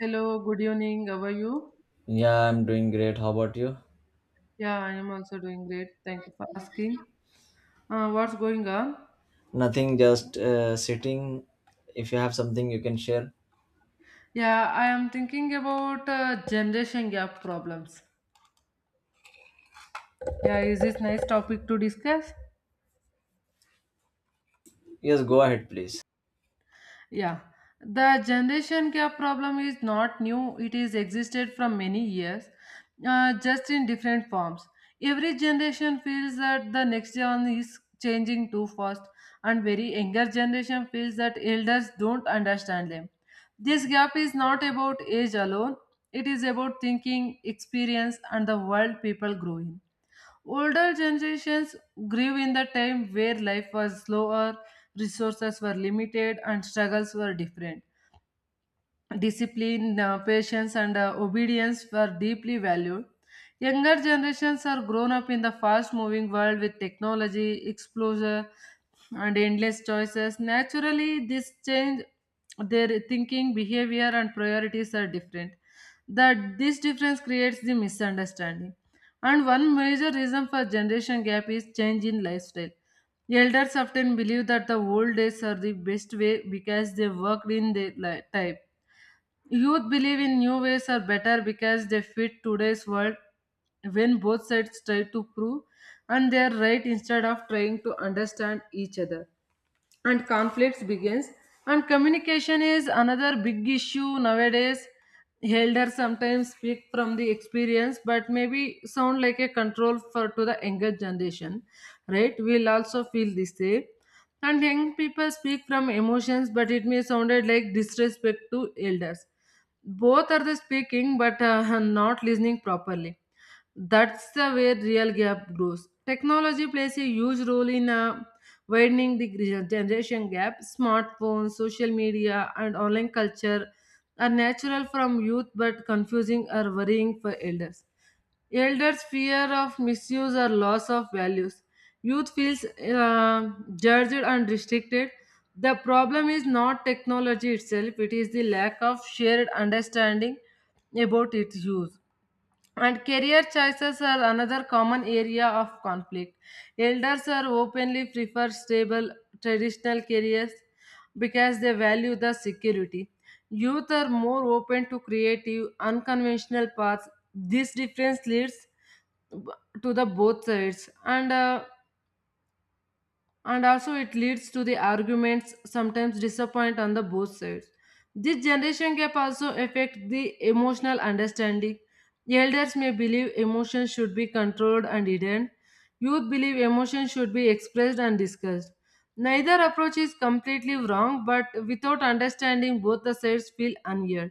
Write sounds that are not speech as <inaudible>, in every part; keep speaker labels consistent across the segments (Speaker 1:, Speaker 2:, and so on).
Speaker 1: Hello, good evening. How are you?
Speaker 2: Yeah, I'm doing great. How about you?
Speaker 1: Yeah, I am also doing great. Thank you for asking. What's going on?
Speaker 2: Nothing, just sitting. If you have something you can share,
Speaker 1: Yeah, I am thinking about generation gap problems. Yeah, is this nice topic to discuss?
Speaker 2: yes, go ahead, please.
Speaker 1: Yeah, the generation gap problem is not new, it is existed from many years, just in different forms. Every generation feels that the next one is changing too fast, and very younger generation feels that elders don't understand them. This gap is not about age alone, it is about thinking, experience, and the world people grow in. Older generations grew in the time where life was slower, resources were limited, and struggles were different. Discipline, patience, and obedience were deeply valued. Younger generations are grown up in the fast moving world with technology, exposure, and endless choices. Naturally, this change their thinking, behavior, and priorities are different. That this difference creates the misunderstanding. And one major reason for generation gap is change in lifestyle. Elders often believe that the old days are the best way because they worked in their time. Youth believe in new ways are better because they fit today's world. When both sides try to prove and they are right instead of trying to understand each other, and conflicts begins. And communication is another big issue nowadays. Elders sometimes speak from the experience but maybe sound like a control for to the younger generation. Right, we'll also feel this way. And young people speak from emotions but it may sounded like disrespect to elders. Both are the speaking but <laughs> not listening properly. That's the where real gap grows. Technology plays a huge role in widening the generation gap. Smartphones, social media, and online culture are natural from youth but confusing or worrying for elders. Elders fear of misuse or loss of values. Youth feels judged and restricted. The problem is not technology itself, it is the lack of shared understanding about its use. And career choices are another common area of conflict. Elders are openly prefer stable traditional careers because they value the security. Youth are more open to creative, unconventional paths. This difference leads to the both sides, and also it leads to the arguments sometimes disappoint on the both sides. This generation gap also affect the emotional understanding. Elders may believe emotions should be controlled and hidden, youth believe emotions should be expressed and discussed. Neither approach is completely wrong, but without understanding both the sides feel unheard.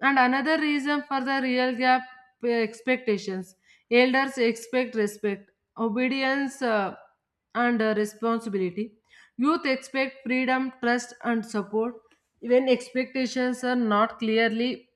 Speaker 1: And another reason for the real gap, expectations. Elders expect respect, obedience, and responsibility. Youth expect freedom, trust, and support. When expectations are not clearly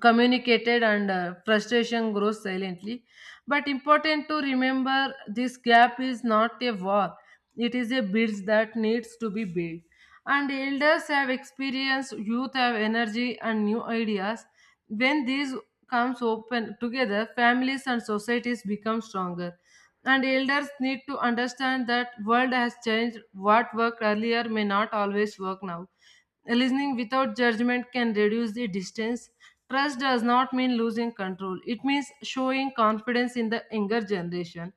Speaker 1: communicated, and frustration grows silently. But important to remember this gap is not a wall, it is a bridge that needs to be built. And elders have experience, youth have energy and new ideas. When these comes open together, families and societies become stronger. And elders need to understand that world has changed, what worked earlier may not always work now. Listening without judgment can reduce the distance. Trust does not mean losing control, it means showing confidence in the younger generation.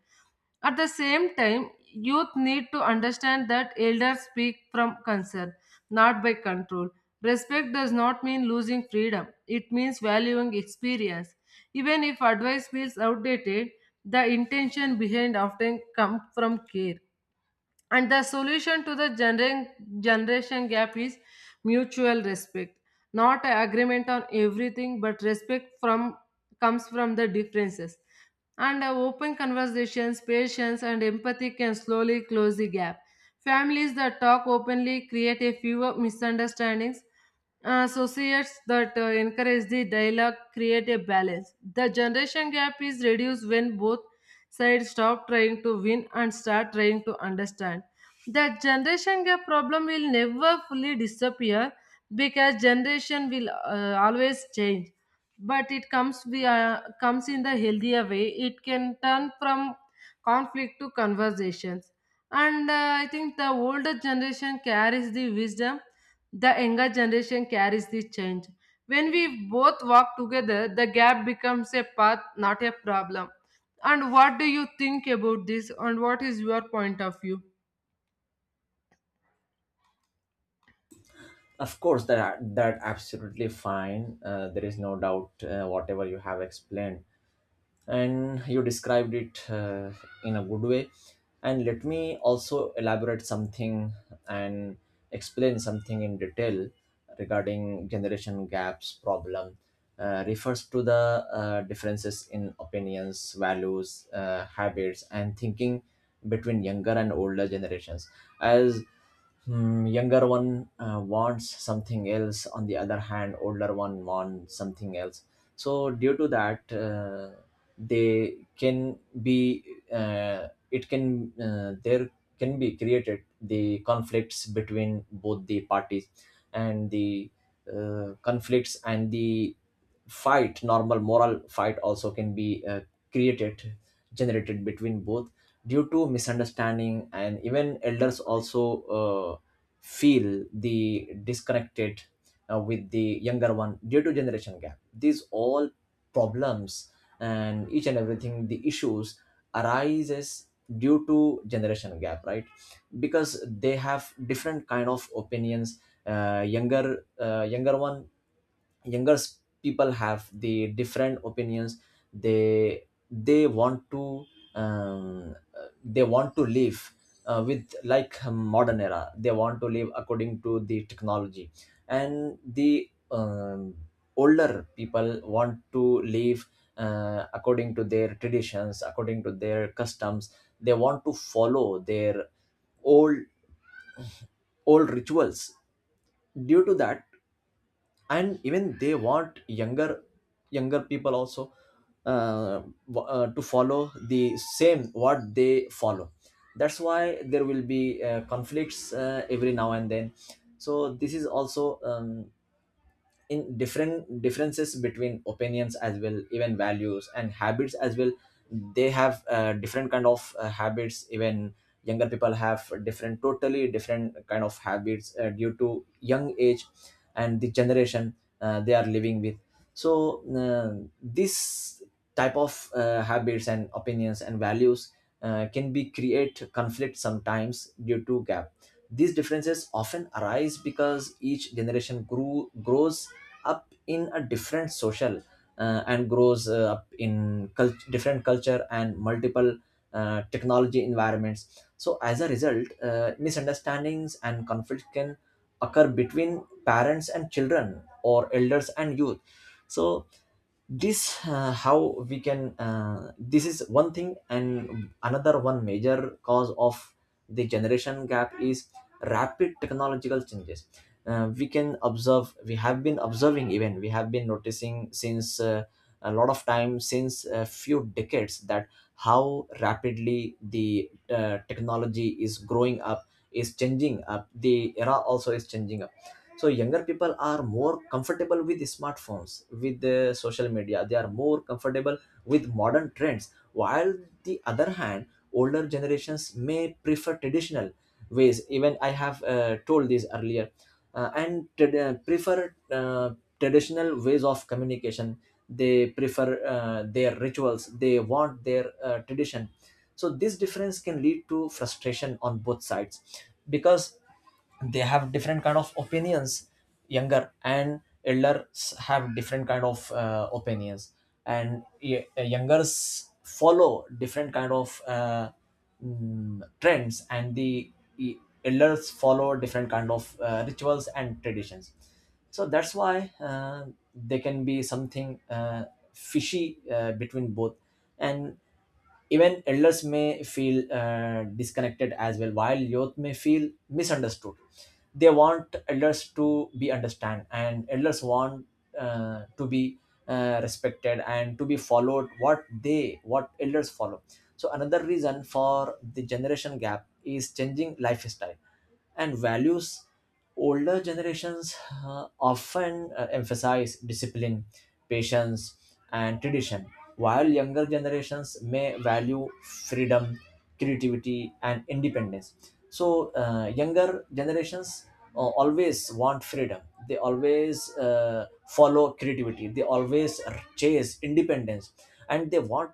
Speaker 1: At the same time, youth need to understand that elders speak from concern, not by control. Respect does not mean losing freedom, it means valuing experience. Even if advice feels outdated, the intention behind often comes from care. And the solution to the generation gap is mutual respect. Not a agreement on everything, but respect from comes from the differences. And open conversations, patience, and empathy can slowly close the gap. Families that talk openly create a fewer misunderstandings. Associates that encourage the dialogue create a balance. The generation gap is reduced when both side stop trying to win and start trying to understand. That generation gap problem will never fully disappear because generation will always change. But it comes in the healthier way. It can turn from conflict to conversations. And I think the older generation carries the wisdom, the younger generation carries the change. When we both walk together, the gap becomes a path, not a problem. And what do you think about this? And what is your point of view?
Speaker 2: Of course, that absolutely fine. There is no doubt. Whatever you have explained. And you described it in a good way, and let me also elaborate something and explain something in detail regarding generation gaps problem. Refers to the differences in opinions, values, habits and thinking between younger and older generations. As younger one wants something else, on the other hand older one wants something else. So due to that, they can be, it can, there can be created the conflicts between both the parties, and the conflicts and the fight, normal moral fight also can be created, generated between both due to misunderstanding. And even elders also uh, feel the disconnected with the younger one due to generation gap. These all problems and each and everything, the issues arises due to generation gap, right? Because they have different kind of opinions. Younger younger one younger s- People have the different opinions. They they want to they want to live with like modern era, they want to live according to the technology. And the older people want to live according to their traditions, according to their customs. They want to follow their old old rituals due to that. And even they want younger people also, uh, to follow the same what they follow. That's why there will be conflicts every now and then. So this is also in different differences between opinions as well, even values and habits as well. They have different kind of habits. Even younger people have different, totally different kind of habits due to young age and the generation they are living with. So this type of habits and opinions and values can be create conflict sometimes due to gap. These differences often arise because each generation grew grows up in a different social and grows up in different culture and multiple technology environments. So as a result, misunderstandings and conflict can occur between parents and children, or elders and youth. So this how we can, this is one thing. And another one major cause of the generation gap is rapid technological changes. We can observe, we have been observing, even we have been noticing since a lot of time, since a few decades, that how rapidly the technology is growing up, is changing up, the era also is changing up. So younger people are more comfortable with smartphones, with the social media they are more comfortable, with modern trends, while the other hand older generations may prefer traditional ways. Even I have told this earlier. Prefer traditional ways of communication. They prefer their rituals, they want their tradition. So this difference can lead to frustration on both sides, because they have different kind of opinions. Younger and elders have different kind of opinions. And youngers follow different kind of trends, and the e- elders follow different kind of rituals and traditions. So that's why, there can be something fishy between both. And even elders may feel disconnected as well, while youth may feel misunderstood. They want elders to be understand, and elders want to be respected and to be followed. What they, what elders follow. So another reason for the generation gap is changing lifestyle and values. Older generations often emphasize discipline, patience and tradition, while younger generations may value freedom, creativity and independence. So younger generations always want freedom, they always follow creativity, they always chase independence. And they want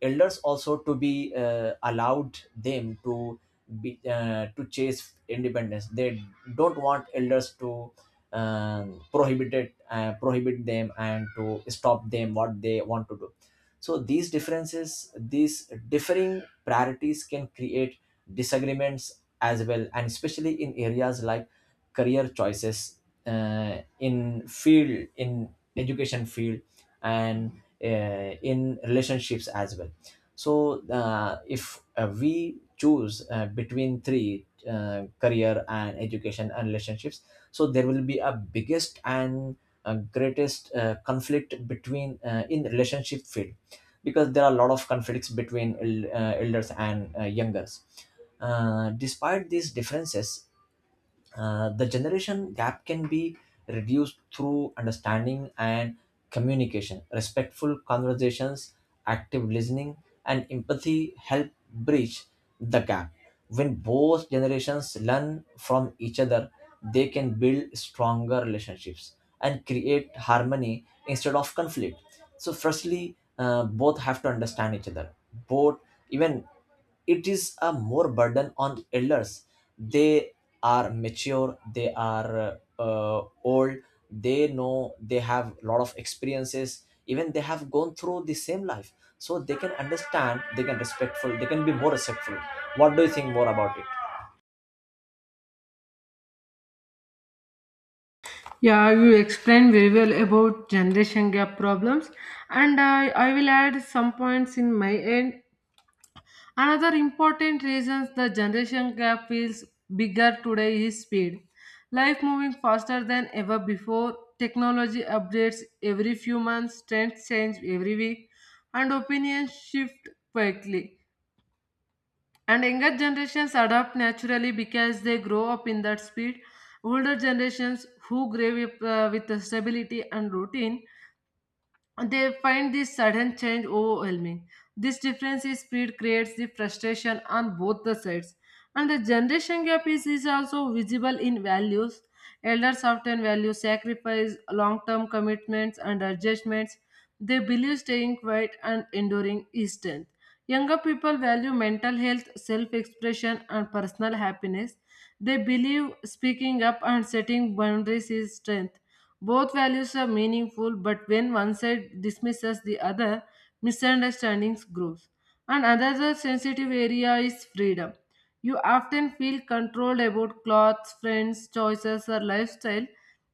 Speaker 2: elders also to be allowed them to be, to chase independence. They don't want elders to prohibit it, prohibit them and to stop them what they want to do. So these differences, these differing priorities can create disagreements as well, and especially in areas like career choices, in field, in education field, and in relationships as well. So if we choose between three, career and education and relationships, so there will be a biggest and greatest conflict between, in relationship field, because there are a lot of conflicts between elders and youngers. Despite these differences, the generation gap can be reduced through understanding and communication. Respectful conversations, active listening, and empathy help bridge the gap. When both generations learn from each other, they can build stronger relationships and create harmony instead of conflict. So, firstly, both have to understand each other. Both, even it is a more burden on elders. They are mature, they are old, they know, they have a lot of experiences, even they have gone through the same life. So they can understand, they can respectful, they can be more respectful. What do you think more about it?
Speaker 1: Yeah, you explained very well about generation gap problems, and I will add some points in my end. Another important reasons the generation gap feels bigger today is speed. Life moving faster than ever before, technology updates every few months, trends change every week, and opinions shift quickly. And younger generations adapt naturally because they grow up in that speed. Older generations who grow up with stability and routine, they find this sudden change overwhelming. This difference in speed creates the frustration on both the sides. And the generation gap is also visible in values. Elders often value sacrifice, long term commitments, and adjustments. They believe staying quiet and enduring is strength. Younger people value mental health, self expression, and personal happiness. They believe speaking up and setting boundaries is strength. Both values are meaningful, but when one side dismisses the other, misunderstandings grows. And another sensitive area is freedom. You often feel controlled about clothes, friends, choices, or lifestyle.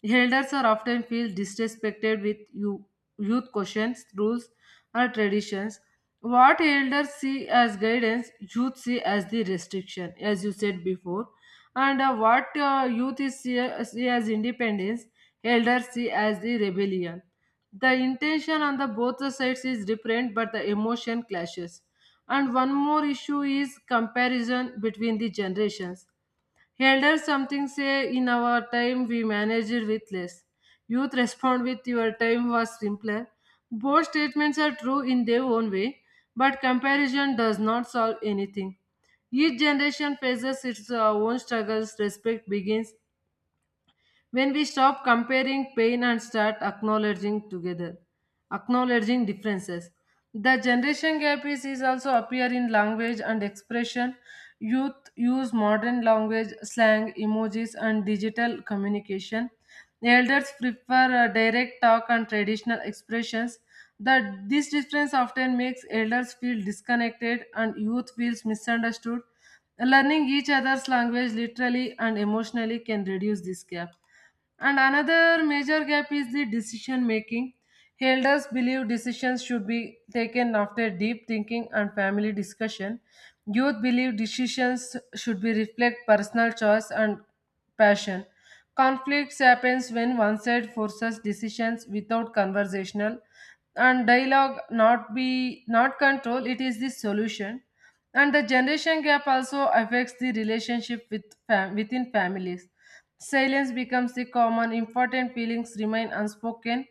Speaker 1: Elders are often feel disrespected with you, youth questions, rules, or traditions. What elders see as guidance, youth see as the restriction, as you said before. And what youth is see as independence, elders see as the rebellion. The intention on the both the sides is different, but the emotion clashes. And one more issue is comparison between the generations. Elders something say in our time we managed with less. Youth respond with your time was simpler. Both statements are true in their own way, but comparison does not solve anything. Each generation faces its own struggles. Respect begins when we stop comparing pain and start acknowledging together, acknowledging differences. The generation gap is also appear in language and expression. Youth use modern language, slang, emojis, and digital communication. Elders prefer direct talk and traditional expressions. This difference often makes elders feel disconnected and youth feels misunderstood. Learning each other's language literally and emotionally can reduce this gap. And another major gap is the decision making. Elders believe decisions should be taken after deep thinking and family discussion. Youth believe decisions should be reflect personal choice and passion. Conflicts happens when one side forces decisions without conversational and dialogue, not be not control, it is the solution. And the generation gap also affects the relationship with within families. Silence becomes the common important feelings remain unspoken.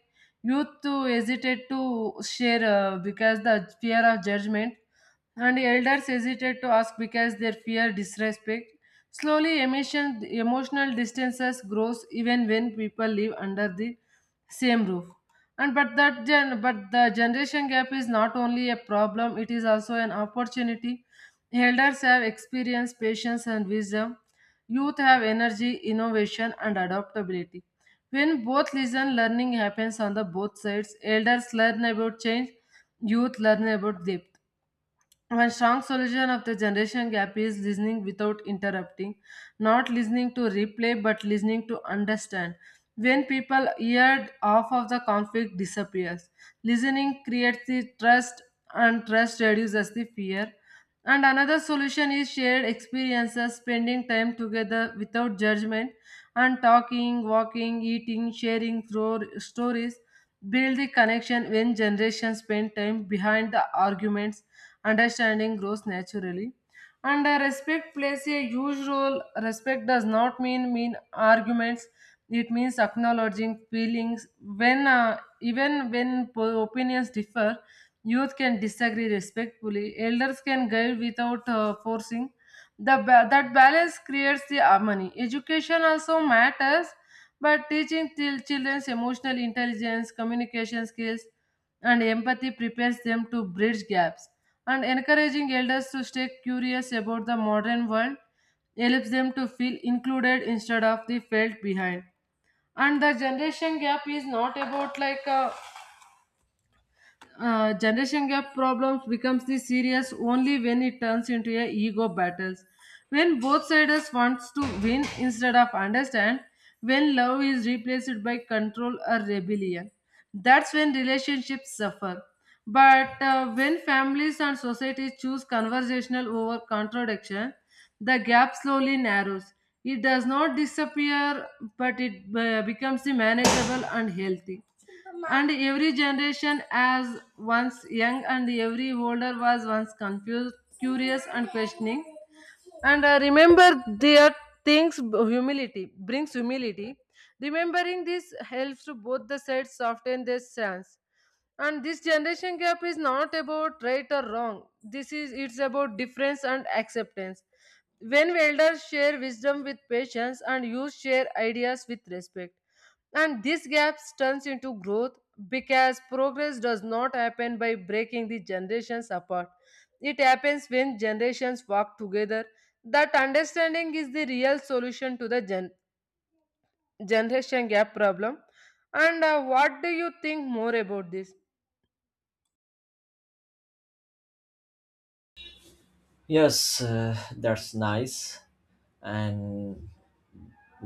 Speaker 1: Youth too hesitate to share because the fear of judgment, and elders hesitate to ask because their fear disrespect. Slowly emotional distances grows even when people live under the same roof. And but that gen but the generation gap is not only a problem, it is also an opportunity. Elders have experience, patience, and wisdom. Youth have energy, innovation, and adaptability. When both listen, learning happens on the both sides. Elders learn about change, youth learn about depth. One strong solution of the generation gap is listening without interrupting, not listening to replay but listening to understand. When people hear off of the conflict disappears, listening creates the trust and trust reduces the fear. And another solution is shared experiences, spending time together without judgment and talking, walking, eating, sharing stories. Build the connection when generations spend time behind the arguments, understanding grows naturally. And respect plays a huge role. Respect does not mean arguments. It means acknowledging feelings when even when opinions differ. Youth can disagree respectfully. Elders can guide without forcing. That balance creates the harmony. Education also matters, but teaching children's emotional intelligence, communication skills, and empathy prepares them to bridge gaps. And encouraging elders to stay curious about the modern world helps them to feel included instead of the felt behind. And the generation gap is not about like a, generation gap problems becomes the serious only when it turns into a ego battles, when both sides wants to win instead of understand, when love is replaced by control or rebellion, that's when relationships suffer. But when families and societies choose conversational over contradiction, the gap slowly narrows. It does not disappear, but it becomes the manageable and healthy. And every generation as once young and every older was once confused, curious and questioning. And remember their things. Humility brings humility. Remembering this helps to both the sides soften their stance. And this generation gap is not about right or wrong. This is it's about difference and acceptance. When elders share wisdom with patience and youth share ideas with respect and these gaps turns into growth, because progress does not happen by breaking the generations apart. It happens when generations work together. That understanding is the real solution to the generation gap problem. And what do you think more about this?
Speaker 2: Yes, that's nice. And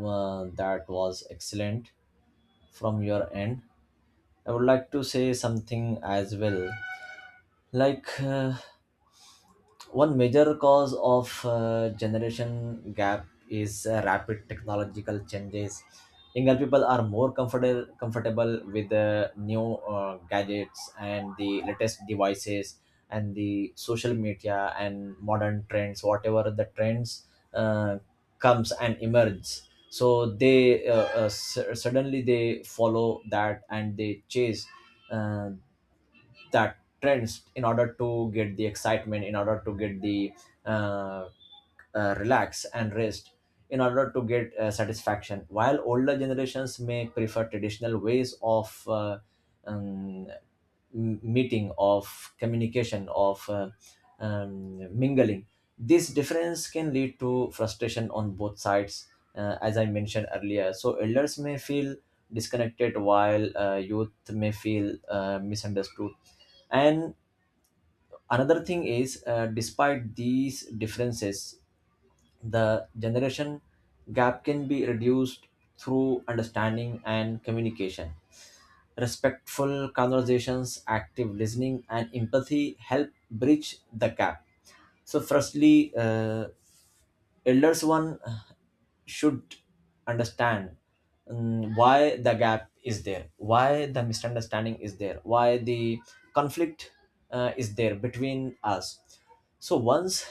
Speaker 2: that was excellent from your end. I would like to say something as well, like, uh, one major cause of generation gap is rapid technological changes. Younger people are more comfortable with the new gadgets and the latest devices and the social media and modern trends. Whatever the trends uh, comes and emerges, so they suddenly they follow that and they chase uh, that trends, in order to get the excitement, in order to get the uh, relax and rest, in order to get satisfaction, while older generations may prefer traditional ways of um, meeting, of communication, of mingling. This difference can lead to frustration on both sides, as I mentioned earlier. So elders may feel disconnected, while youth may feel misunderstood. And another thing is, despite these differences, the generation gap can be reduced through understanding and communication. Respectful conversations, active listening, and empathy help bridge the gap. So, firstly, elders one should understand why the gap is there, why the misunderstanding is there, why the conflict is there between us. So once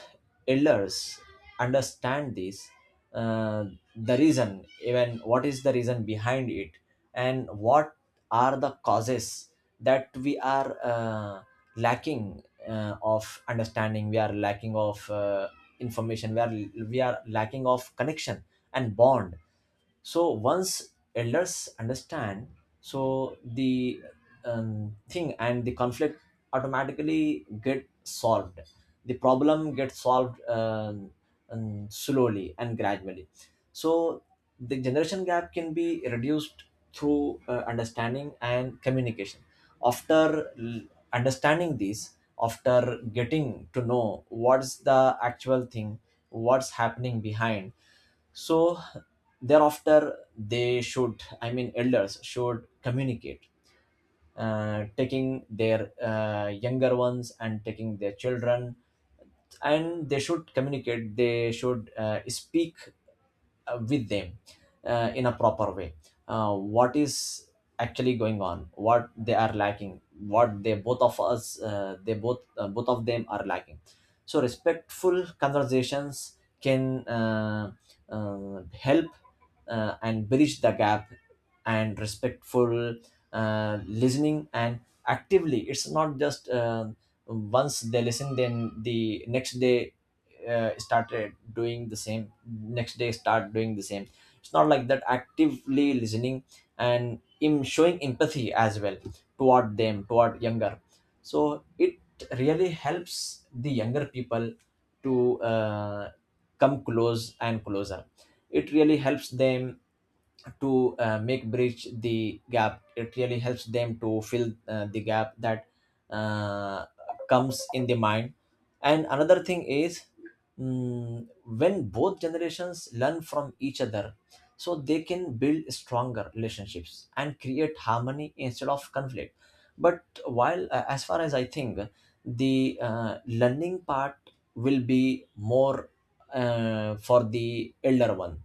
Speaker 2: elders understand this, uh, the reason, even what is the reason behind it, and what are the causes, that we are lacking of understanding, we are lacking of information, we are lacking of connection and bond. So once elders understand, so the thing and the conflict automatically get solved, the problem gets solved, slowly and gradually. So the generation gap can be reduced through understanding and communication, after understanding this, after getting to know what's the actual thing, what's happening behind. So thereafter they should, I mean elders should communicate, taking their younger ones and taking their children, and they should communicate, they should speak with them in a proper way, what is actually going on, what they are lacking, what they, both of us, they both both of them are lacking. So respectful conversations can help and bridge the gap. And respectful listening, and actively, it's not just once they listen then the next day started doing the same, next day start doing the same, it's not like that. Actively listening, and in showing empathy as well toward them, toward younger. So it really helps the younger people to come close and closer. It really helps them to make bridge the gap, it really helps them to fill the gap that uh, comes in the mind. And another thing is, when both generations learn from each other, so they can build stronger relationships and create harmony instead of conflict. But while, as far as I think, the learning part will be more for the elder one,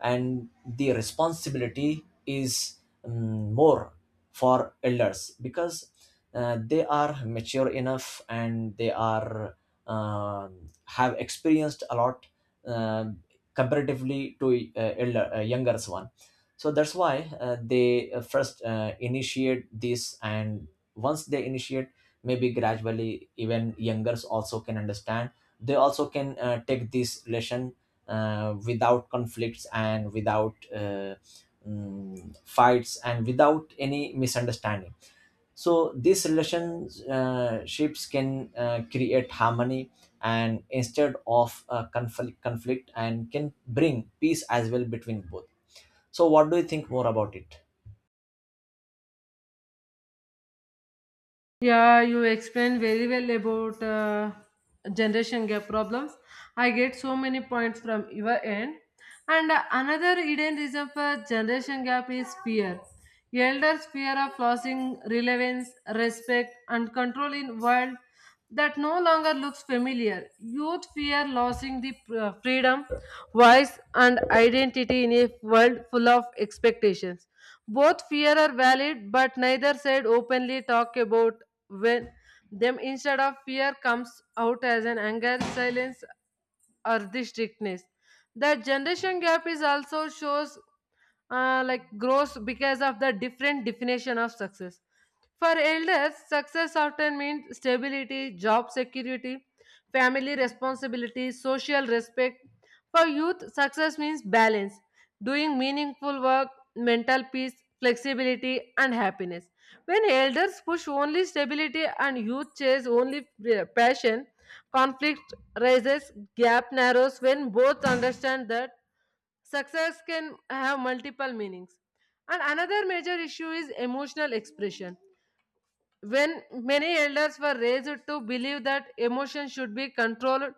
Speaker 2: and the responsibility is more for elders, because they are mature enough, and they are have experienced a lot, um, comparatively to elder younger one. So that's why, they first initiate this, and once they initiate, maybe gradually even youngers also can understand, they also can take this lesson without conflicts and without fights and without any misunderstanding. So these relationships can create harmony, and instead of conflict, and can bring peace as well between both. So what do you think more about it?
Speaker 1: Yeah, you explained very well about generation gap problems. I get so many points from your end. And another hidden reason for generation gap is fear. Elders fear of losing relevance, respect, and control in world that no longer looks familiar. Youth fear losing the freedom, voice, and identity in a world full of expectations. Both fear are valid, but neither side openly talk about when them instead of fear comes out as an anger silence or the strictness. That generation gap is also shows like grows because of the different definition of success. For elders, success often means stability, job security, family responsibility, social respect. For youth, success means balance, doing meaningful work, mental peace, flexibility, and happiness. When elders push only stability and youth chase only passion, conflict rises, gap narrows when both understand that success can have multiple meanings. And another major issue is emotional expression. When many elders were raised to believe that emotion should be controlled,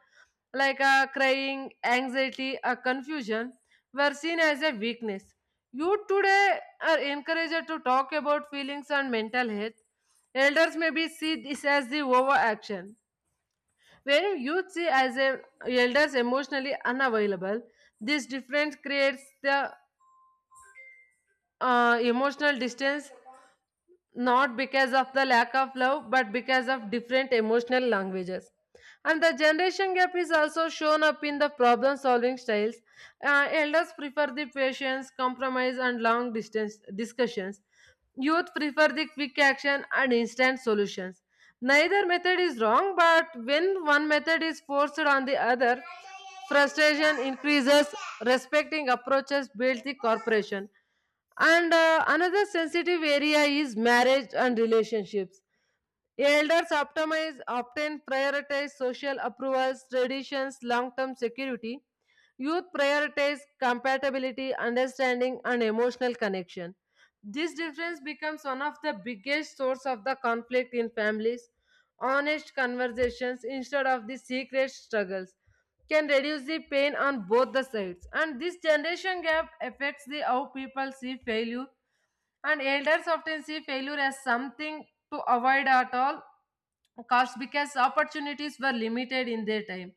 Speaker 1: like crying, anxiety, or confusion, were seen as a weakness. Youth today are encouraged to talk about feelings and mental health. Elders may be see this as the overaction where youth see as a elders emotionally unavailable, this difference creates the emotional distance not because of the lack of love but because of different emotional languages, and the generation gap is also shown up in the problem solving styles. Elders prefer the patience compromise and long distance discussions, youth prefer the quick action and instant solutions. Neither method is wrong, but when one method is forced on the other, frustration increases. Respecting approaches builds the corporation. And another sensitive area is marriage and relationships. Elders optimize, often prioritize social approvals, traditions, long term security. Youth prioritize compatibility, understanding, and emotional connection. This difference becomes one of the biggest source of the conflict in families. Honest conversations instead of the secret struggles can reduce the pain on both the sides. And this generation gap affects the how people see failure, and elders often see failure as something to avoid at all costs because opportunities were limited in their time.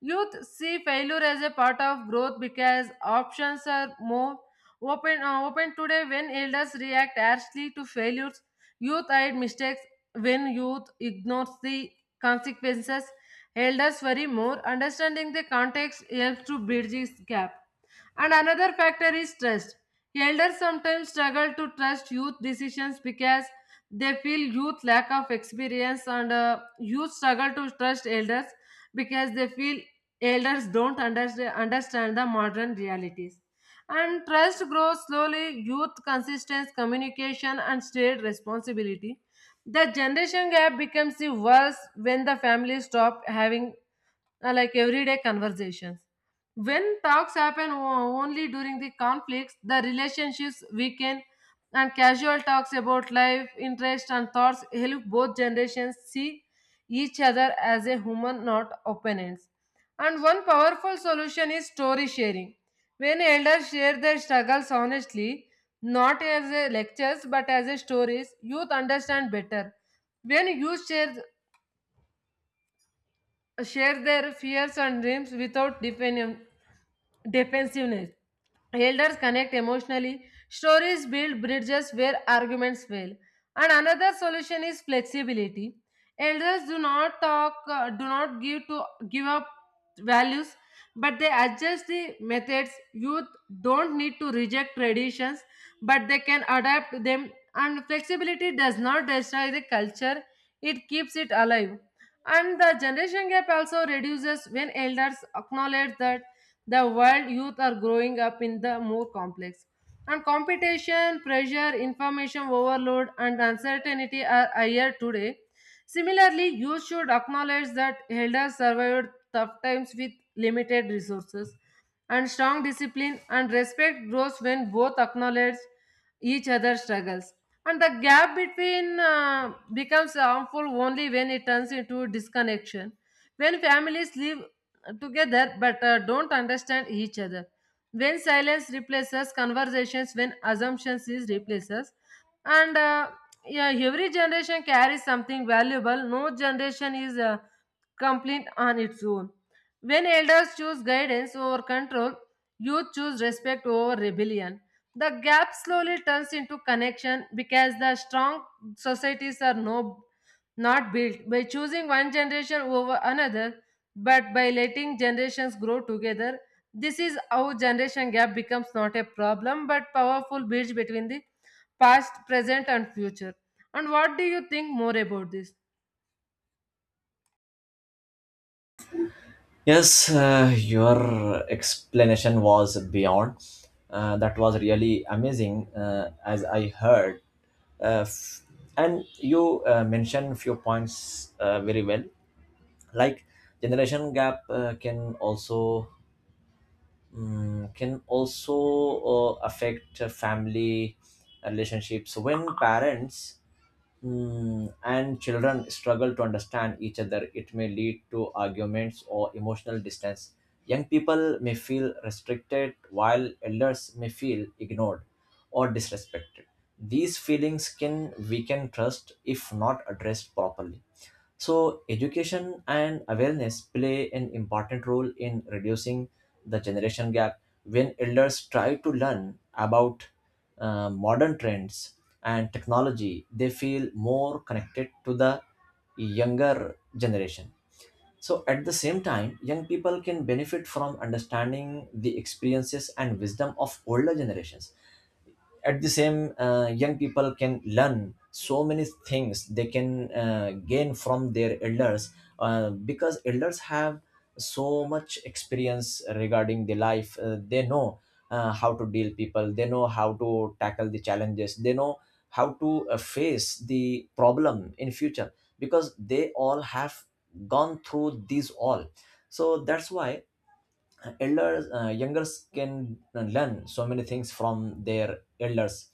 Speaker 1: Youth see failure as a part of growth because options are more open, open today when elders react harshly to failures. Youth hide mistakes when youth ignores the consequences. Elders worry more. Understanding the context helps to bridge this gap. And another factor is trust. Elders sometimes struggle to trust youth decisions because they feel youth lack of experience, and youth struggle to trust elders because they feel elders don't understand the modern realities. And trust grows slowly, youth consistency, communication, and shared responsibility. The generation gap becomes worse when the families stop having like everyday conversations, when talks happen only during the conflicts, the relationships weaken, and casual talks about life, interest, and thoughts help both generations see each other as a human, not opponents. And one powerful solution is story sharing. When elders share their struggles honestly, not as a lectures but as a stories, youth understand better. When youth share, share their fears and dreams without defending defensiveness. Elders connect emotionally. Stories build bridges where arguments fail. And another solution is flexibility. Elders do not give to give up values, but they adjust the methods. Youth don't need to reject traditions, but they can adapt to them. And flexibility does not destroy the culture; it keeps it alive. And the generation gap also reduces when elders acknowledge that the world youth are growing up in the more complex, and competition pressure, information overload, and uncertainty are higher today. Similarly, youth should acknowledge that elders survived tough times with limited resources and strong discipline, and respect grows when both acknowledge each other's struggles. And the gap between becomes harmful only when it turns into disconnection, when families live together but don't understand each other, when silence replaces conversations, when assumptions is replaces. And uh, yeah every generation carries something valuable, no generation is complete on its own. When elders choose guidance over control, youth choose respect over rebellion, the gap slowly turns into connection, because the strong societies are not built by choosing one generation over another, but by letting generations grow together. This is how generation gap becomes not a problem but powerful bridge between the past, present, and future. And what do you think more about this?
Speaker 2: Yes, your explanation was beyond. That was really amazing as I heard. Uh, f- and you mentioned few points very well, like generation gap can also affect family relationships when parents and children struggle to understand each other, it may lead to arguments or emotional distance. Young people may feel restricted, while elders may feel ignored or disrespected. These feelings can weaken trust if not addressed properly. So, education and awareness play an important role in reducing the generation gap. When elders try to learn about modern trends and technology, they feel more connected to the younger generation. So, at the same time, young people can benefit from understanding the experiences and wisdom of older generations. At the same young people can learn so many things, they can gain from their elders, because elders have so much experience regarding the life. They know how to deal people, they know how to tackle the challenges, they know how to face the problem in future, because they all have gone through these all. So that's why elders, youngers can learn so many things from their elders.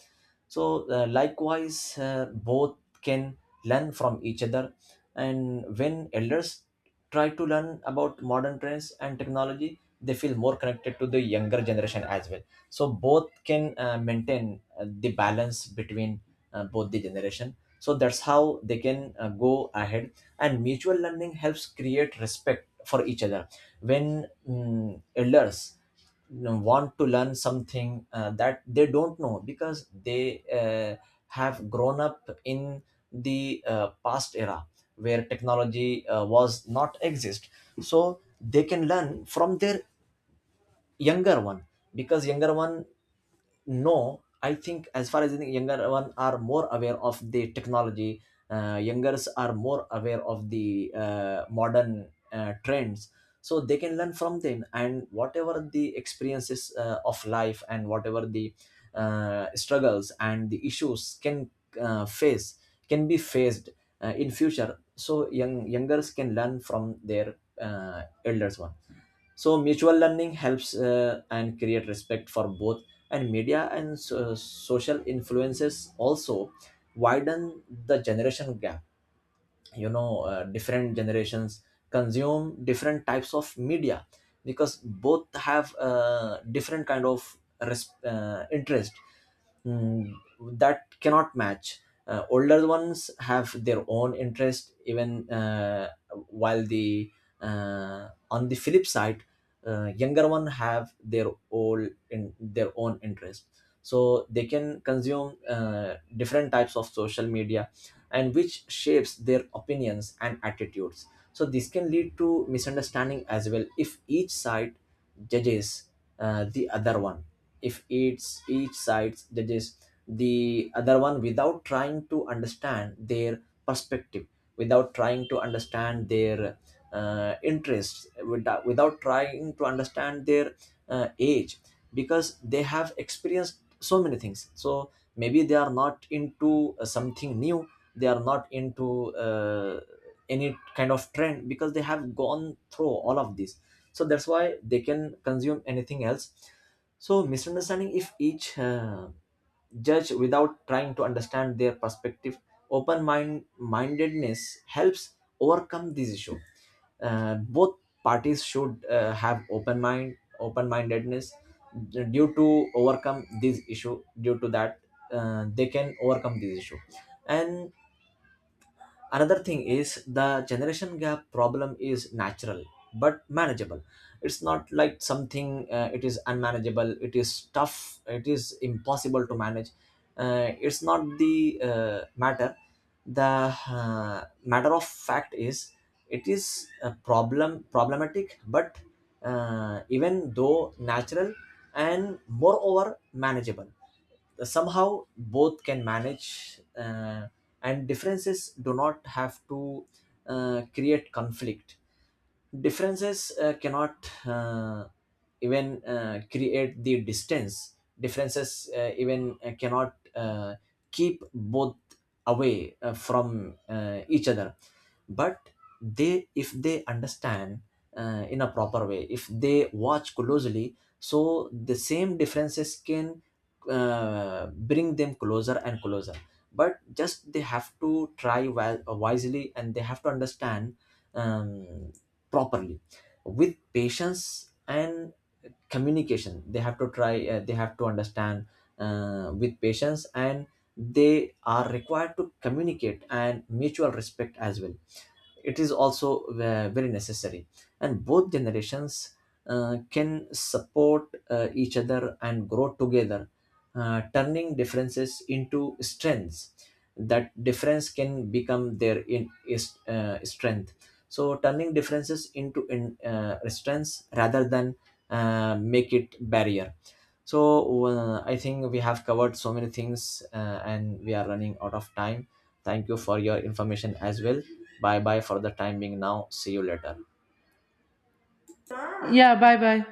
Speaker 2: So likewise, both can learn from each other. And when elders try to learn about modern trends and technology, they feel more connected to the younger generation as well. So both can maintain the balance between both the generation, so that's how they can go ahead. And mutual learning helps create respect for each other. When elders want to learn something that they don't know, because they have grown up in the past era where technology was not exist, so they can learn from their younger one. Because younger one, no, I think, as far as I think, younger one are more aware of the technology. Youngers are more aware of the modern trends, so they can learn from them. And whatever the experiences of life, and whatever the struggles and the issues can face can be faced in future, so youngers can learn from their elders one. So mutual learning helps and create respect for both. And media and social influences also widen the generation gap. You know, different generations consume different types of media, because both have different kind of interest, mm, that cannot match. Older ones have their own interest, even while the on the flip side, younger one have their old in their own interest, so they can consume different types of social media, and which shapes their opinions and attitudes. So this can lead to misunderstanding as well if each side judges the other one. If each side judges the other one without trying to understand their perspective, without trying to understand their interests, without trying to understand their age, because they have experienced so many things, so maybe they are not into something new, they are not into any kind of trend, because they have gone through all of this. So that's why they can consume anything else. So misunderstanding if each judge without trying to understand their perspective. Open mind mindedness helps overcome this issue. Both parties should have open mind, open mindedness due to overcome this issue. Due to that, they can overcome this issue. And another thing is the generation gap problem is natural but manageable. It's not like something, it is unmanageable, it is tough, it is impossible to manage. It's not the matter, the matter of fact is it is a problem problematic but even though natural and moreover manageable, somehow both can manage. And differences do not have to create conflict. Differences cannot uh, even create the distance. Differences even cannot keep both away from each other. But they, if they understand in a proper way, if they watch closely, so the same differences can bring them closer and closer. But just they have to try wisely, and they have to understand um, properly, with patience and communication. They have to try, they have to understand with patience, and they are required to communicate, and mutual respect as well, it is also very necessary. And both generations can support each other and grow together, turning differences into strengths. That difference can become their strength. So turning differences into strengths rather than make it barrier. So I think we have covered so many things, and we are running out of time. Thank you for your information as well. Bye bye for the time being now. See you later.
Speaker 1: Yeah, bye bye.